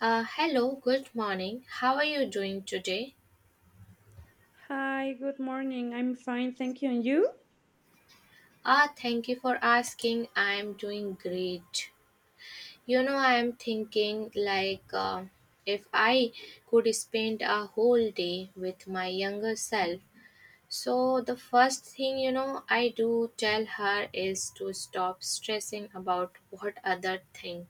Hello, good morning. How are you doing today? Hi, good morning. I'm fine, thank you. And you? Ah, thank you for asking. I am doing great. You know, I am thinking like if I could spend a whole day with my younger self. So, the first thing, you know, I do tell her is to stop stressing about what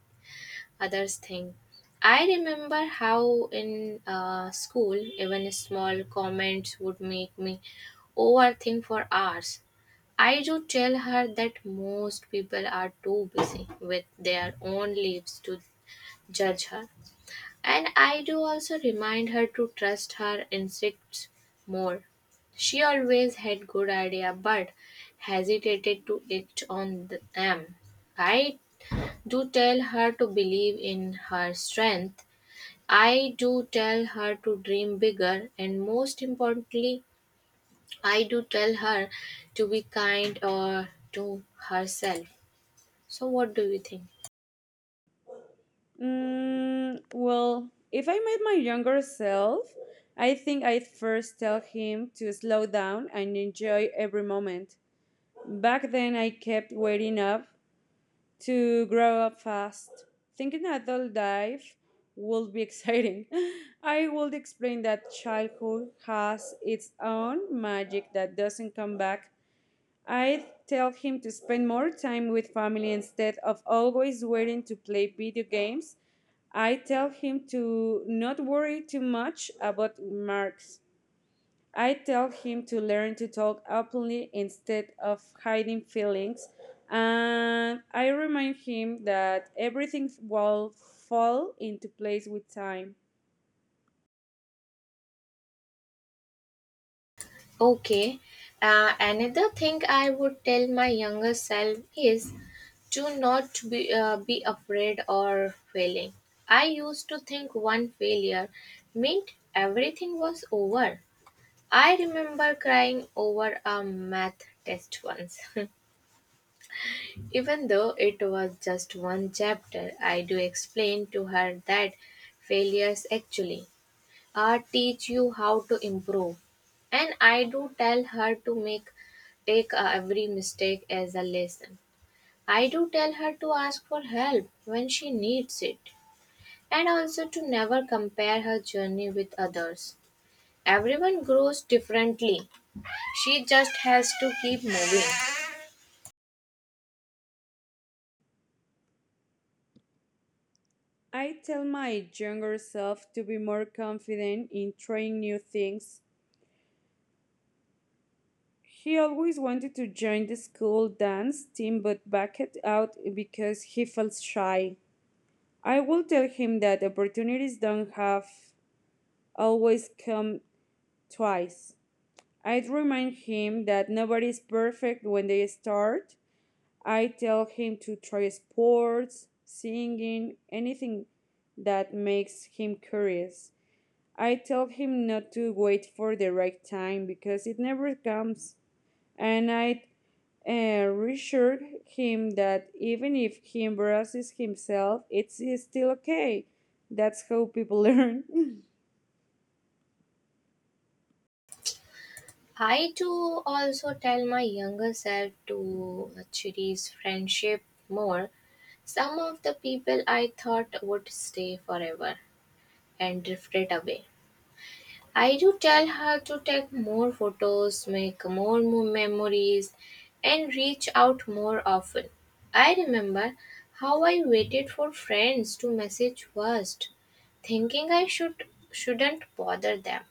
others think. I remember how in school, even small comments would make me overthink for hours. I do tell her that most people are too busy with their own lives to judge her. And I do also remind her to trust her instincts more. She always had good idea but hesitated to act on them. I do tell her to believe in her strength. I do tell her to dream bigger, and most importantly, I do tell her to be kind or to herself. So, what do you think? Well, if I met my younger self, I think I'd first tell him to slow down and enjoy every moment. Back then, I kept waiting up to grow up fast, thinking adult life would be exciting. I would explain that childhood has its own magic that doesn't come back. I tell him to spend more time with family instead of always waiting to play video games. I tell him to not worry too much about marks. I tell him to learn to talk openly instead of hiding feelings. And I remind him that everything will fall into place with time. Okay, another thing I would tell my younger self is to not be afraid or failing. I used to think one failure meant everything was over. I remember crying over a math test once. Even though it was just one chapter, I do explain to her that failures actually teach you how to improve. And I do tell her to make take every mistake as a lesson. I do tell her to ask for help when she needs it and also to never compare her journey with others. Everyone grows differently. She just has to keep moving. I tell my younger self to be more confident in trying new things. He always wanted to join the school dance team but backed out because he felt shy. I will tell him that opportunities don't have always come twice. I'd remind him that nobody is perfect when they start. I tell him to try sports, singing, anything that makes him curious. I tell him not to wait for the right time because it never comes. And I reassured him that even if he embarrasses himself, it's still okay. That's how people learn. I too also tell my younger self to cherish friendship more. Some of the people I thought would stay forever and drifted away. I do tell her to take more photos, make more memories, and reach out more often. I remember how I waited for friends to message first, thinking I should shouldn't bother them.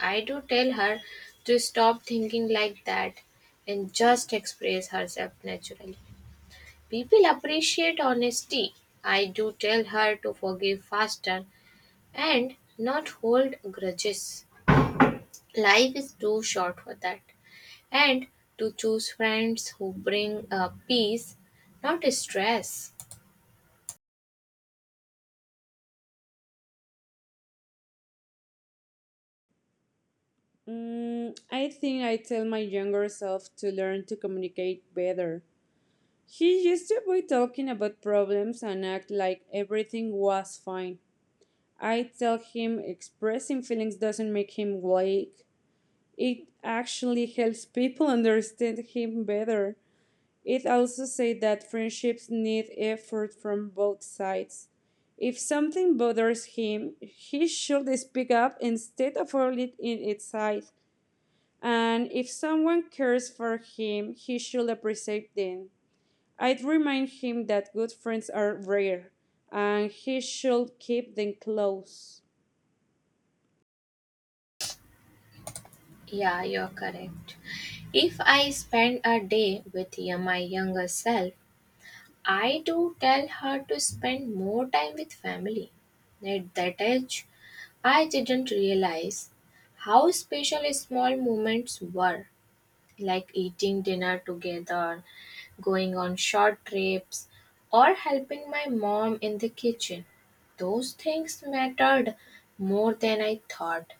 I do tell her to stop thinking like that and just express herself naturally. People appreciate honesty. I do tell her to forgive faster and not hold grudges. Life is too short for that. And to choose friends who bring peace, not stress. I think I tell my younger self to learn to communicate better. He used to avoid talking about problems and act like everything was fine. I tell him expressing feelings doesn't make him weak. It actually helps people understand him better. It also said that friendships need effort from both sides. If something bothers him, he should speak up instead of holding it inside. And if someone cares for him, he should appreciate them. I'd remind him that good friends are rare and he should keep them close. Yeah, you're correct. If I spend a day with my younger self, I do tell her to spend more time with family. At that age, I didn't realize how special small moments were, like eating dinner together, going on short trips, or helping my mom in the kitchen. Those things mattered more than I thought.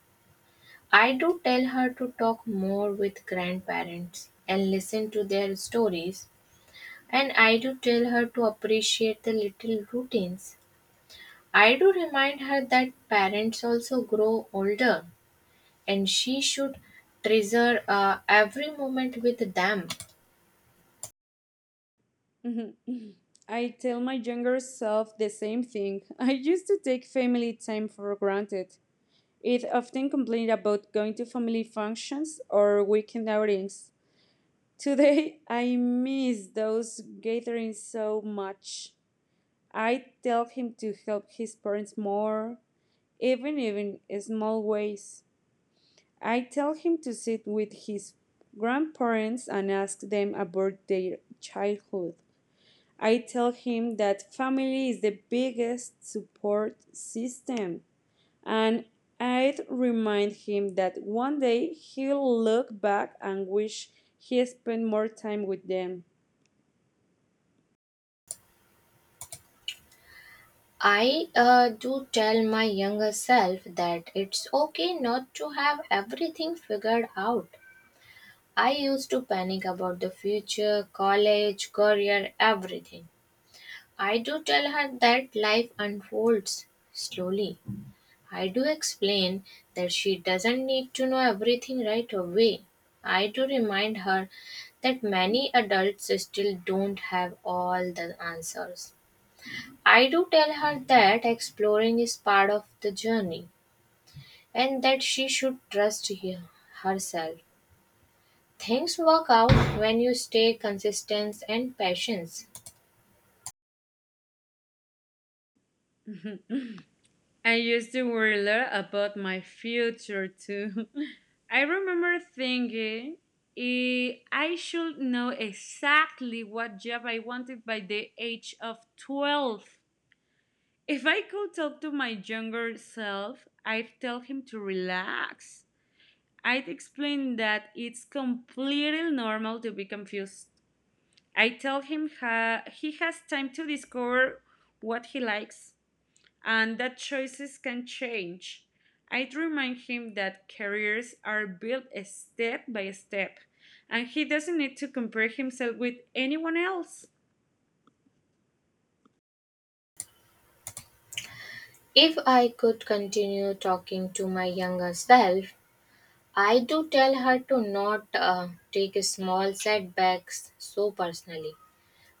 I do tell her to talk more with grandparents and listen to their stories, and I do tell her to appreciate the little routines. I do remind her that parents also grow older and she should treasure every moment with them. Mhm. I tell my younger self the same thing. I used to take family time for granted. It often complained about going to family functions or weekend outings. Today, I miss those gatherings so much. I tell him to help his parents more, even in small ways. I tell him to sit with his grandparents and ask them about their childhood. I tell him that family is the biggest support system. And I'd remind him that one day he'll look back and wish he spent more time with them. I do tell my younger self that it's okay not to have everything figured out. I used to panic about the future, college, career, everything. I do tell her that life unfolds slowly. I do explain that she doesn't need to know everything right away. I do remind her that many adults still don't have all the answers. I do tell her that exploring is part of the journey and that she should trust herself. Things work out when you stay consistent and patient. I used to worry a lot about my future too. I remember thinking I should know exactly what job I wanted by the age of 12. If I could talk to my younger self, I'd tell him to relax. I'd explain that it's completely normal to be confused. I tell him he has time to discover what he likes and that choices can change. I remind him that careers are built step by step and he doesn't need to compare himself with anyone else. If I could continue talking to my younger self, I do tell her to not take small setbacks so personally.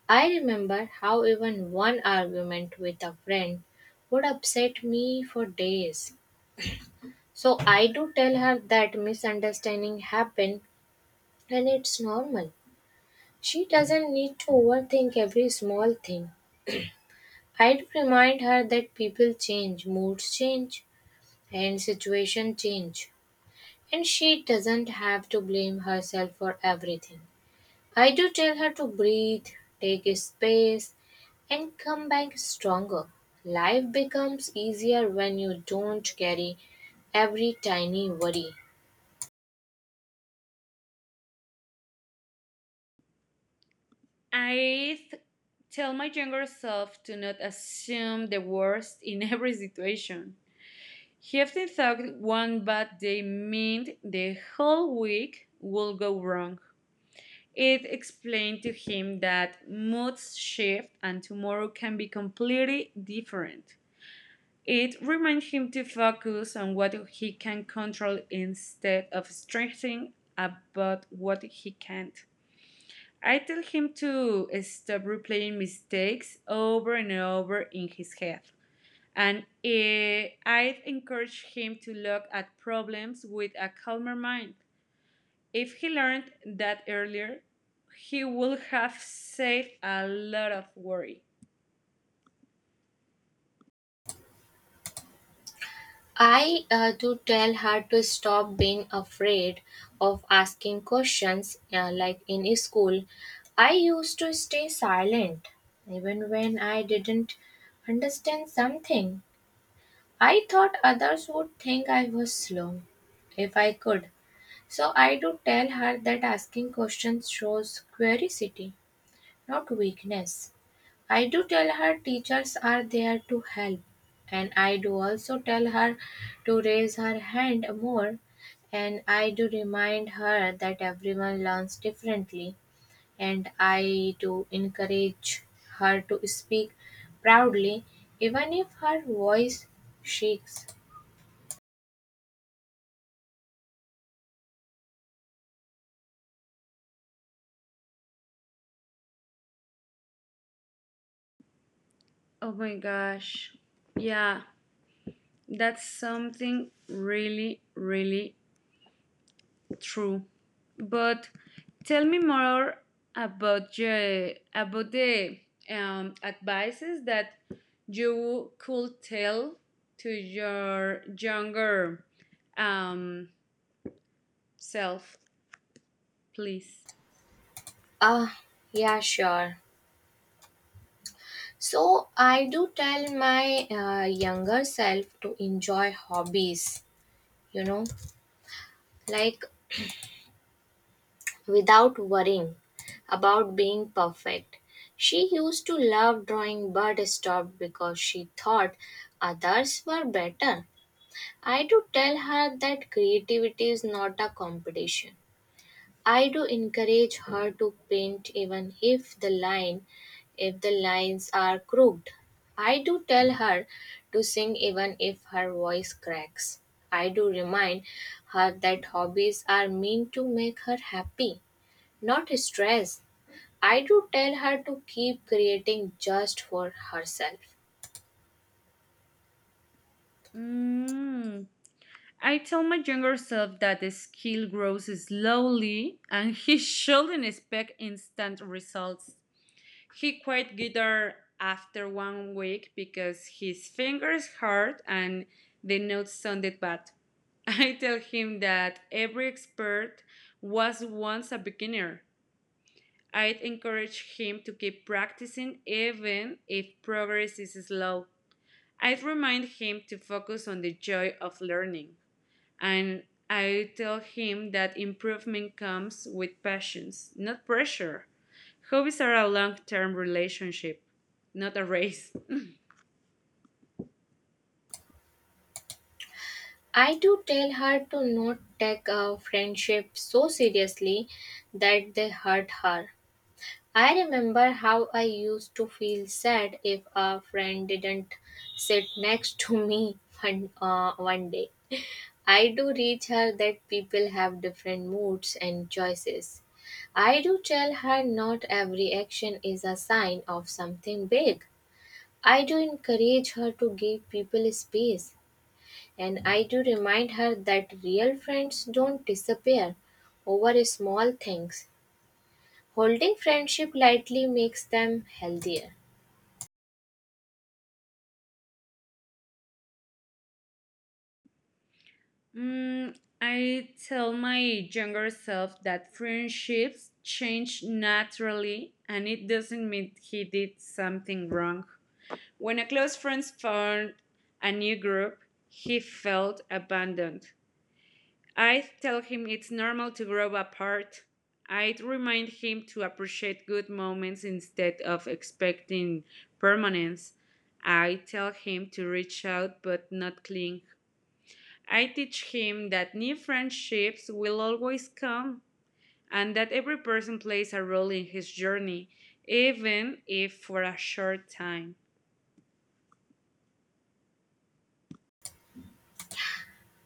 I remember how even one argument with a friend would upset me for days. So I do tell her that misunderstanding happen and it's normal. She doesn't need to overthink every small thing. I do remind her that people change, moods change, and situation change, and she doesn't have to blame herself for everything. I do tell her to breathe, take a space, and come back stronger. Life becomes easier when you don't carry every tiny worry. I tell my younger self to not assume the worst in every situation. He often thought one bad day meant the whole week would go wrong. It explained to him that moods shift and tomorrow can be completely different. It reminded him to focus on what he can control instead of stressing about what he can't. I tell him to stop replaying mistakes over and over in his head. And I encourage him to look at problems with a calmer mind. If he learned that earlier, he would have saved a lot of worry. I do tell her to stop being afraid of asking questions, like in school. I used to stay silent even when I didn't understand something. I thought others would think I was slow if I could. So I do tell her that asking questions shows curiosity, not weakness. I do tell her teachers are there to help, and I do also tell her to raise her hand more. And I do remind her that everyone learns differently, and I do encourage her to speak proudly, even if her voice shakes. Oh my gosh. Yeah, that's something really, really true. But tell me more about your, about the advices that you could tell to your younger um, self, please. Ah, yeah, sure. So I do tell my younger self to enjoy hobbies, you know, like without worrying about being perfect. She used to love drawing but stopped because she thought others were better. I do tell her that creativity is not a competition. I do encourage her to paint even if the line if the lines are crooked. I do tell her to sing even if her voice cracks. I do remind her that hobbies are meant to make her happy, not stress. I do tell her to keep creating just for herself. Mm. I tell my younger self that the skill grows slowly and he shouldn't expect instant results. He quit guitar after one week because his fingers hurt and the notes sounded bad. I tell him that every expert was once a beginner. I'd encourage him to keep practicing even if progress is slow. I'd remind him to focus on the joy of learning. And I tell him that improvement comes with passions, not pressure. Hobbies are a long term relationship, not a race. I do tell her to not take a friendship so seriously that they hurt her. I remember how I used to feel sad if a friend didn't sit next to me one day. I do reach her that people have different moods and choices. I do tell her not every action is a sign of something big. I do encourage her to give people space, and I do remind her that real friends don't disappear over small things. Holding friendship lightly makes them healthier. I tell my younger self that friendships change naturally, and it doesn't mean he did something wrong. When a close friend found a new group, he felt abandoned. I tell him it's normal to grow apart. I remind him to appreciate good moments instead of expecting permanence. I tell him to reach out but not cling. I teach him that new friendships will always come and that every person plays a role in his journey, even if for a short time.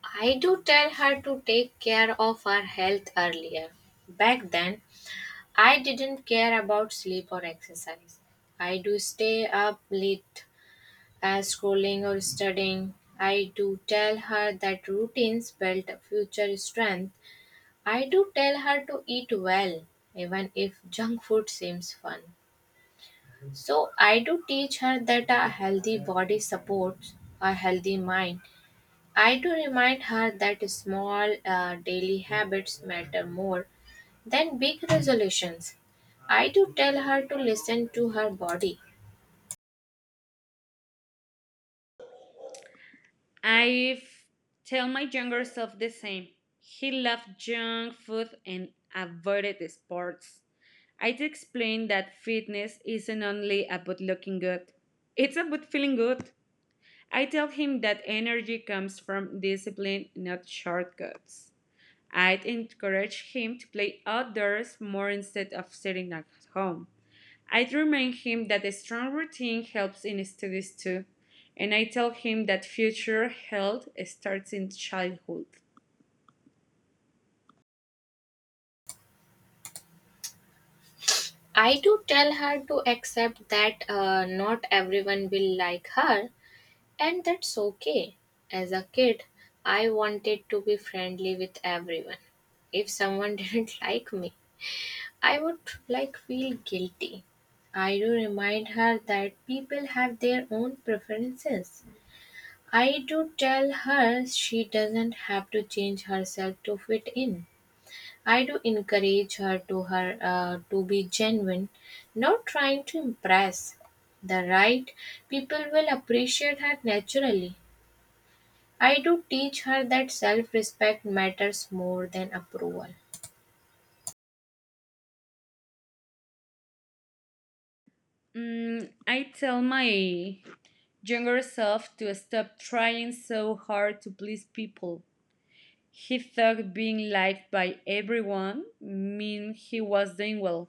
I do tell her to take care of her health earlier. Back then, I didn't care about sleep or exercise. I do stay up late scrolling or studying. I do tell her that routines build future strength. I do tell her to eat well, even if junk food seems fun. So I do teach her that a healthy body supports a healthy mind. I do remind her that small daily habits matter more than big resolutions. I do tell her to listen to her body. I tell my younger self the same. He loved junk food and avoided sports. I'd explain that fitness isn't only about looking good, it's about feeling good. I tell him that energy comes from discipline, not shortcuts. I'd encourage him to play outdoors more instead of sitting at home. I'd remind him that a strong routine helps in studies too, and I tell him that future health starts in childhood. I do tell her to accept that not everyone will like her and that's okay. As a kid, I wanted to be friendly with everyone. If someone didn't like me, I would like feel guilty. I do remind her that people have their own preferences. I do tell her she doesn't have to change herself to fit in. I do encourage her to be genuine, not trying to impress. The right people will appreciate her naturally. I do teach her that self-respect matters more than approval. I tell my younger self to stop trying so hard to please people. He thought being liked by everyone meant he was doing well.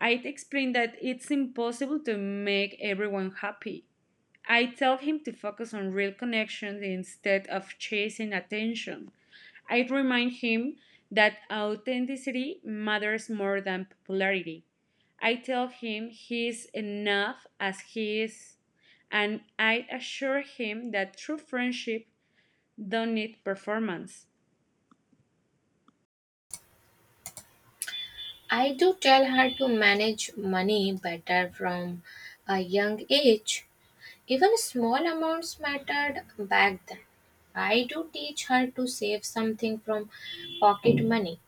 I'd explain that it's impossible to make everyone happy. I tell him to focus on real connections instead of chasing attention. I remind him that authenticity matters more than popularity. I tell him he's enough as he is, and I assure him that true friendship don't need performance. I do tell her to manage money better from a young age. Even small amounts mattered back then. I do teach her to save something from pocket money.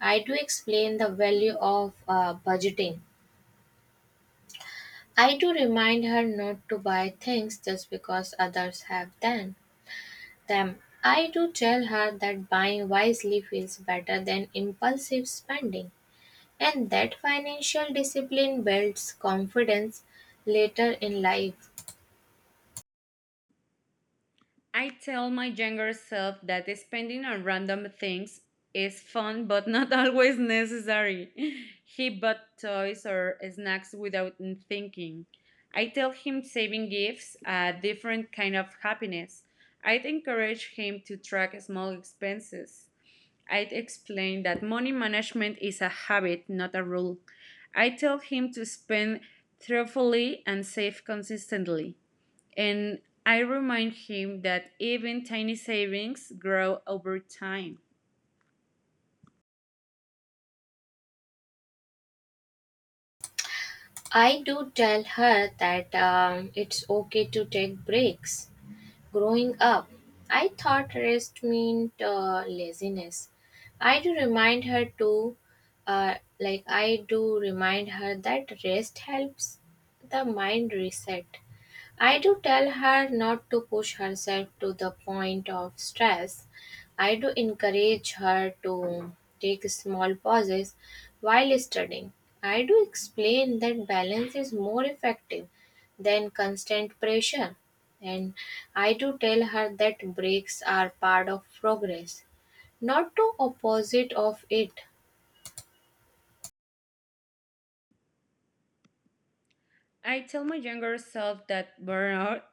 I do explain the value of budgeting. I do remind her not to buy things just because others have them. I do tell her that buying wisely feels better than impulsive spending and that financial discipline builds confidence later in life. I tell my younger self that spending on random things is fun but not always necessary. He bought toys or snacks without thinking. I tell him saving gifts a different kind of happiness. I'd encourage him to track small expenses. I'd explain that money management is a habit, not a rule. I tell him to spend thoughtfully and save consistently. And I remind him that even tiny savings grow over time. I do tell her that it's okay to take breaks. Growing up, I thought rest meant laziness. I do remind her uh, I do remind her that rest helps the mind reset. I do tell her not to push herself to the point of stress. I do encourage her to take small pauses while studying. I do explain that balance is more effective than constant pressure. And I do tell her that breaks are part of progress, not to opposite of it. I tell my younger self that burnout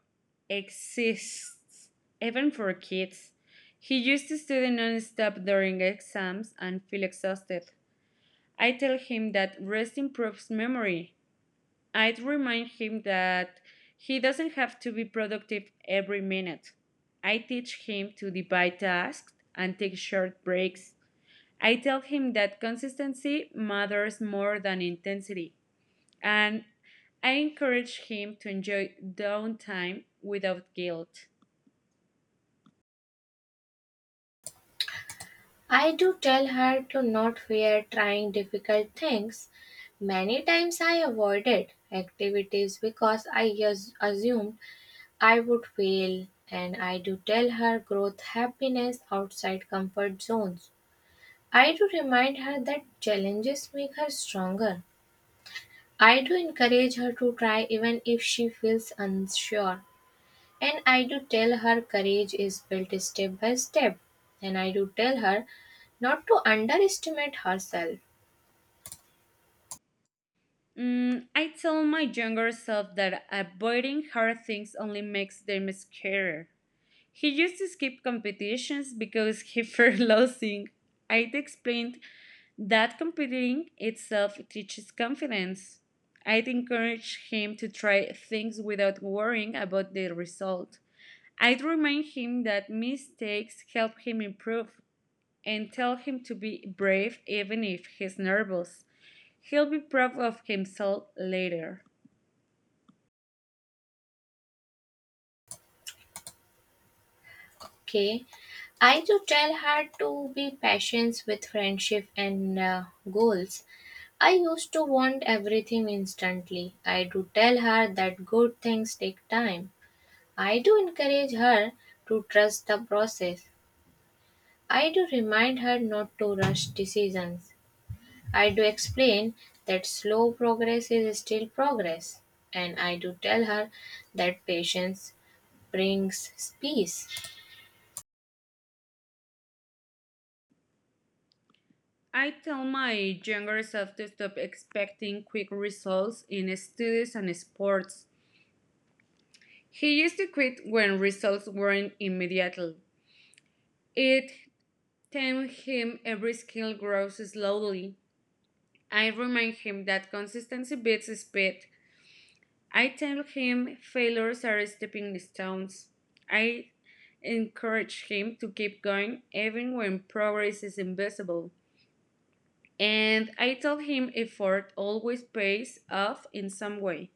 exists, even for kids. He used to study nonstop during exams and feel exhausted. I tell him that rest improves memory. I remind him that he doesn't have to be productive every minute. I teach him to divide tasks and take short breaks. I tell him that consistency matters more than intensity, and I encourage him to enjoy downtime without guilt. I do tell her to not fear trying difficult things. Many times I avoided activities because assumed I would fail, and I do tell her growth happiness outside comfort zones. I do remind her that challenges make her stronger. I do encourage her to try even if she feels unsure. And I do tell her courage is built step by step. And I do tell her not to underestimate herself. I tell my younger self that avoiding hard things only makes them scarier. He used to skip competitions because he feared losing. I'd explained that competing itself teaches confidence. I'd encourage him to try things without worrying about the result. I'd remind him that mistakes help him improve and tell him to be brave even if he's nervous. He'll be proud of himself later. Okay. I do tell her to be patient with friendship and goals. I used to want everything instantly. I do tell her that good things take time. I do encourage her to trust the process. I do remind her not to rush decisions. I do explain that slow progress is still progress, and I do tell her that patience brings peace. I tell my younger self to stop expecting quick results in studies and sports. He used to quit when results weren't immediate. It taught him every skill grows slowly. I remind him that consistency beats speed. I tell him failures are stepping stones. I encourage him to keep going even when progress is invisible. And I tell him effort always pays off in some way.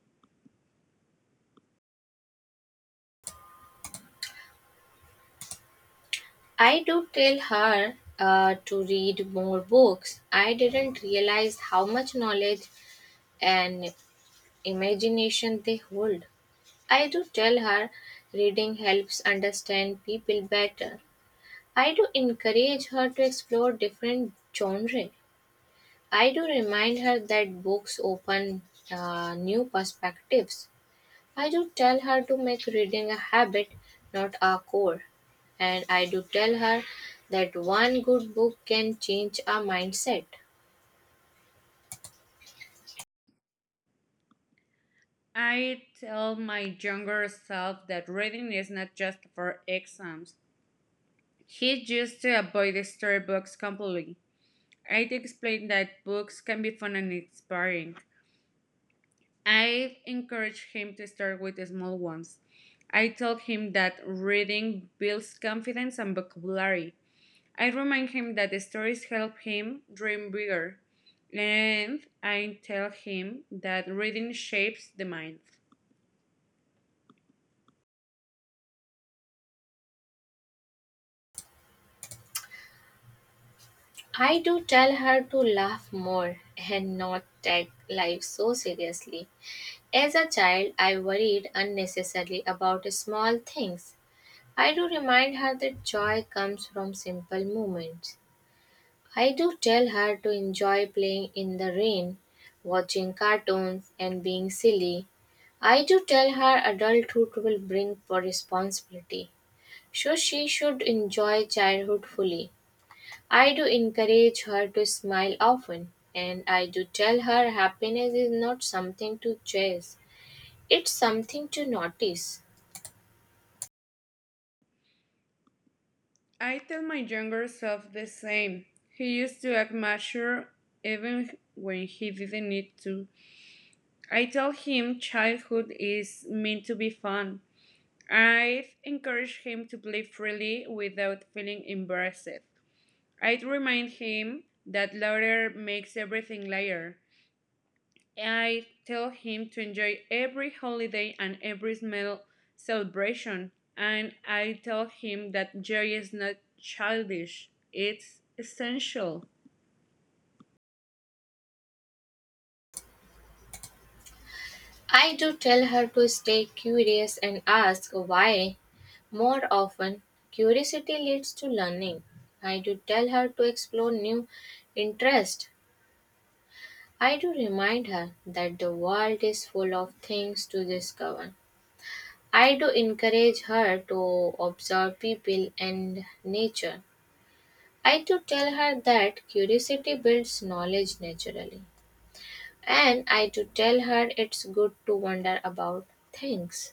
I do tell her to read more books. I didn't realize how much knowledge and imagination they hold. I do tell her reading helps understand people better. I do encourage her to explore different genres. I do remind her that books open new perspectives. I do tell her to make reading a habit, not a chore. And I do tell her that one good book can change our mindset. I tell my younger self that reading is not just for exams. He used to avoid the storybooks completely. I explain that books can be fun and inspiring. I encourage him to start with the small ones. I tell him that reading builds confidence and vocabulary. I remind him that the stories help him dream bigger. And I tell him that reading shapes the mind. I do tell her to laugh more and not take life so seriously. As a child, I worried unnecessarily about small things. I do remind her that joy comes from simple moments. I do tell her to enjoy playing in the rain, watching cartoons, and being silly. I do tell her adulthood will bring responsibility, so she should enjoy childhood fully. I do encourage her to smile often, and I do tell her happiness is not something to chase, it's something to notice. I tell my younger self the same. He used to act mature even when he didn't need to. I tell him childhood is meant to be fun. I'd encourage him to play freely without feeling embarrassed. I'd remind him that laughter makes everything lighter. I'd tell him to enjoy every holiday and every small celebration. And I tell him that joy is not childish, it's essential. I do tell her to stay curious and ask why more often. Curiosity leads to learning. I do tell her to explore new interests. I do remind her that the world is full of things to discover. I do encourage her to observe people and nature. I do tell her that curiosity builds knowledge naturally. And I do tell her it's good to wonder about things.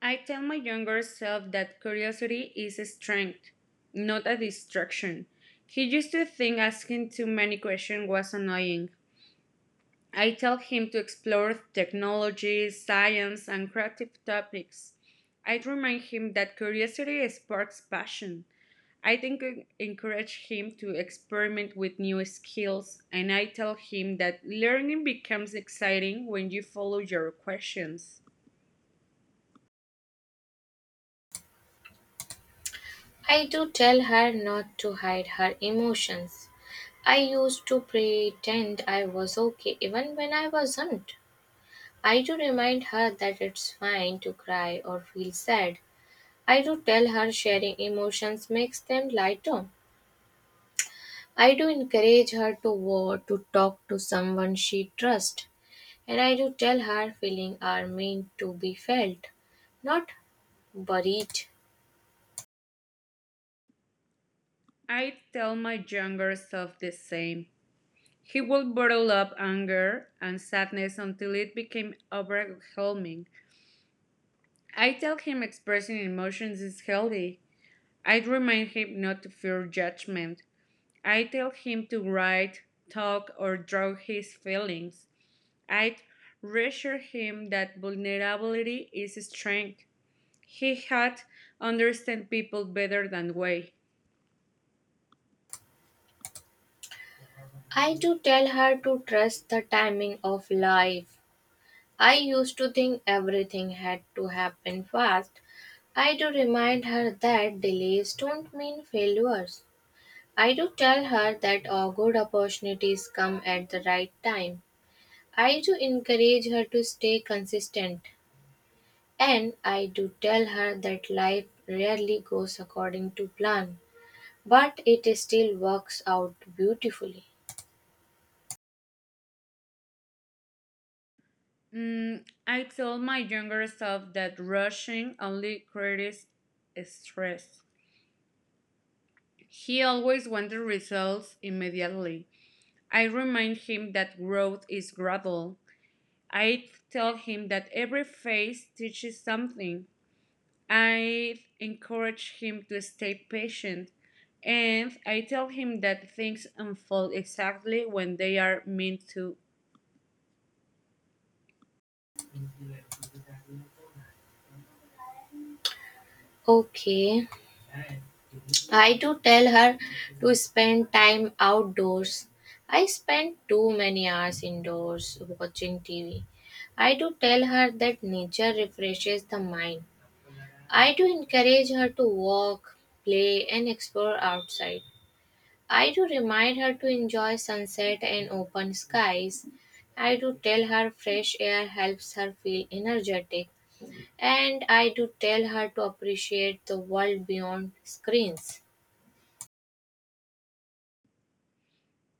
I tell my younger self that curiosity is a strength, not a distraction. He used to think asking too many questions was annoying. I tell him to explore technology, science, and creative topics. I remind him that curiosity sparks passion. I think I encourage him to experiment with new skills, and I tell him that learning becomes exciting when you follow your questions. I do tell her not to hide her emotions. I used to pretend I was okay even when I wasn't. I do remind her that it's fine to cry or feel sad. I do tell her sharing emotions makes them lighter. I do encourage her to to talk to someone she trusts. And I do tell her feelings are meant to be felt, not buried. I tell my younger self the same. He would bottle up anger and sadness until it became overwhelming. I tell him expressing emotions is healthy. I remind him not to fear judgment. I tell him to write, talk, or draw his feelings. I reassure him that vulnerability is strength. He had understand people better than we. I do tell her to trust the timing of life. I used to think everything had to happen fast. I do remind her that delays don't mean failures. I do tell her that all good opportunities come at the right time. I do encourage her to stay consistent. And I do tell her that life rarely goes according to plan, but it still works out beautifully. I told my younger self that rushing only creates stress. He always wanted results immediately. I remind him that growth is gradual. I tell him that every phase teaches something. I encourage him to stay patient. And I tell him that things unfold exactly when they are meant to. Okay. I do tell her to spend time outdoors. I spend too many hours indoors watching TV. I do tell her that nature refreshes the mind. I do encourage her to walk, play, and explore outside. I do remind her to enjoy sunset and open skies. I do tell her fresh air helps her feel energetic. And I do tell her to appreciate the world beyond screens.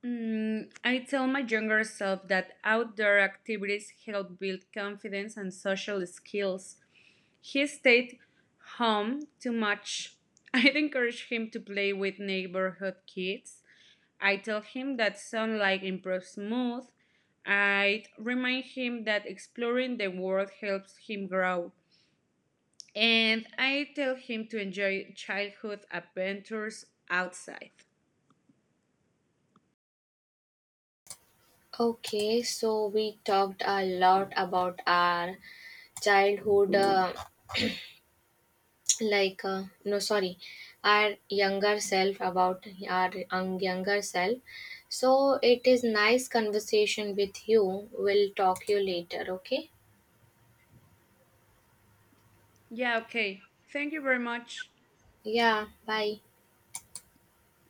I tell my younger self that outdoor activities help build confidence and social skills. He stayed home too much. I'd encourage him to play with neighborhood kids. I tell him that sunlight improves mood. I remind him that exploring the world helps him grow. And I tell him to enjoy childhood adventures outside. Okay, so we talked a lot about our childhood, like no, sorry, our younger self, about our younger self. So it is nice conversation with you. We'll talk you later. Okay? Yeah, okay. Thank you very much. Yeah. Bye.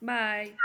Bye.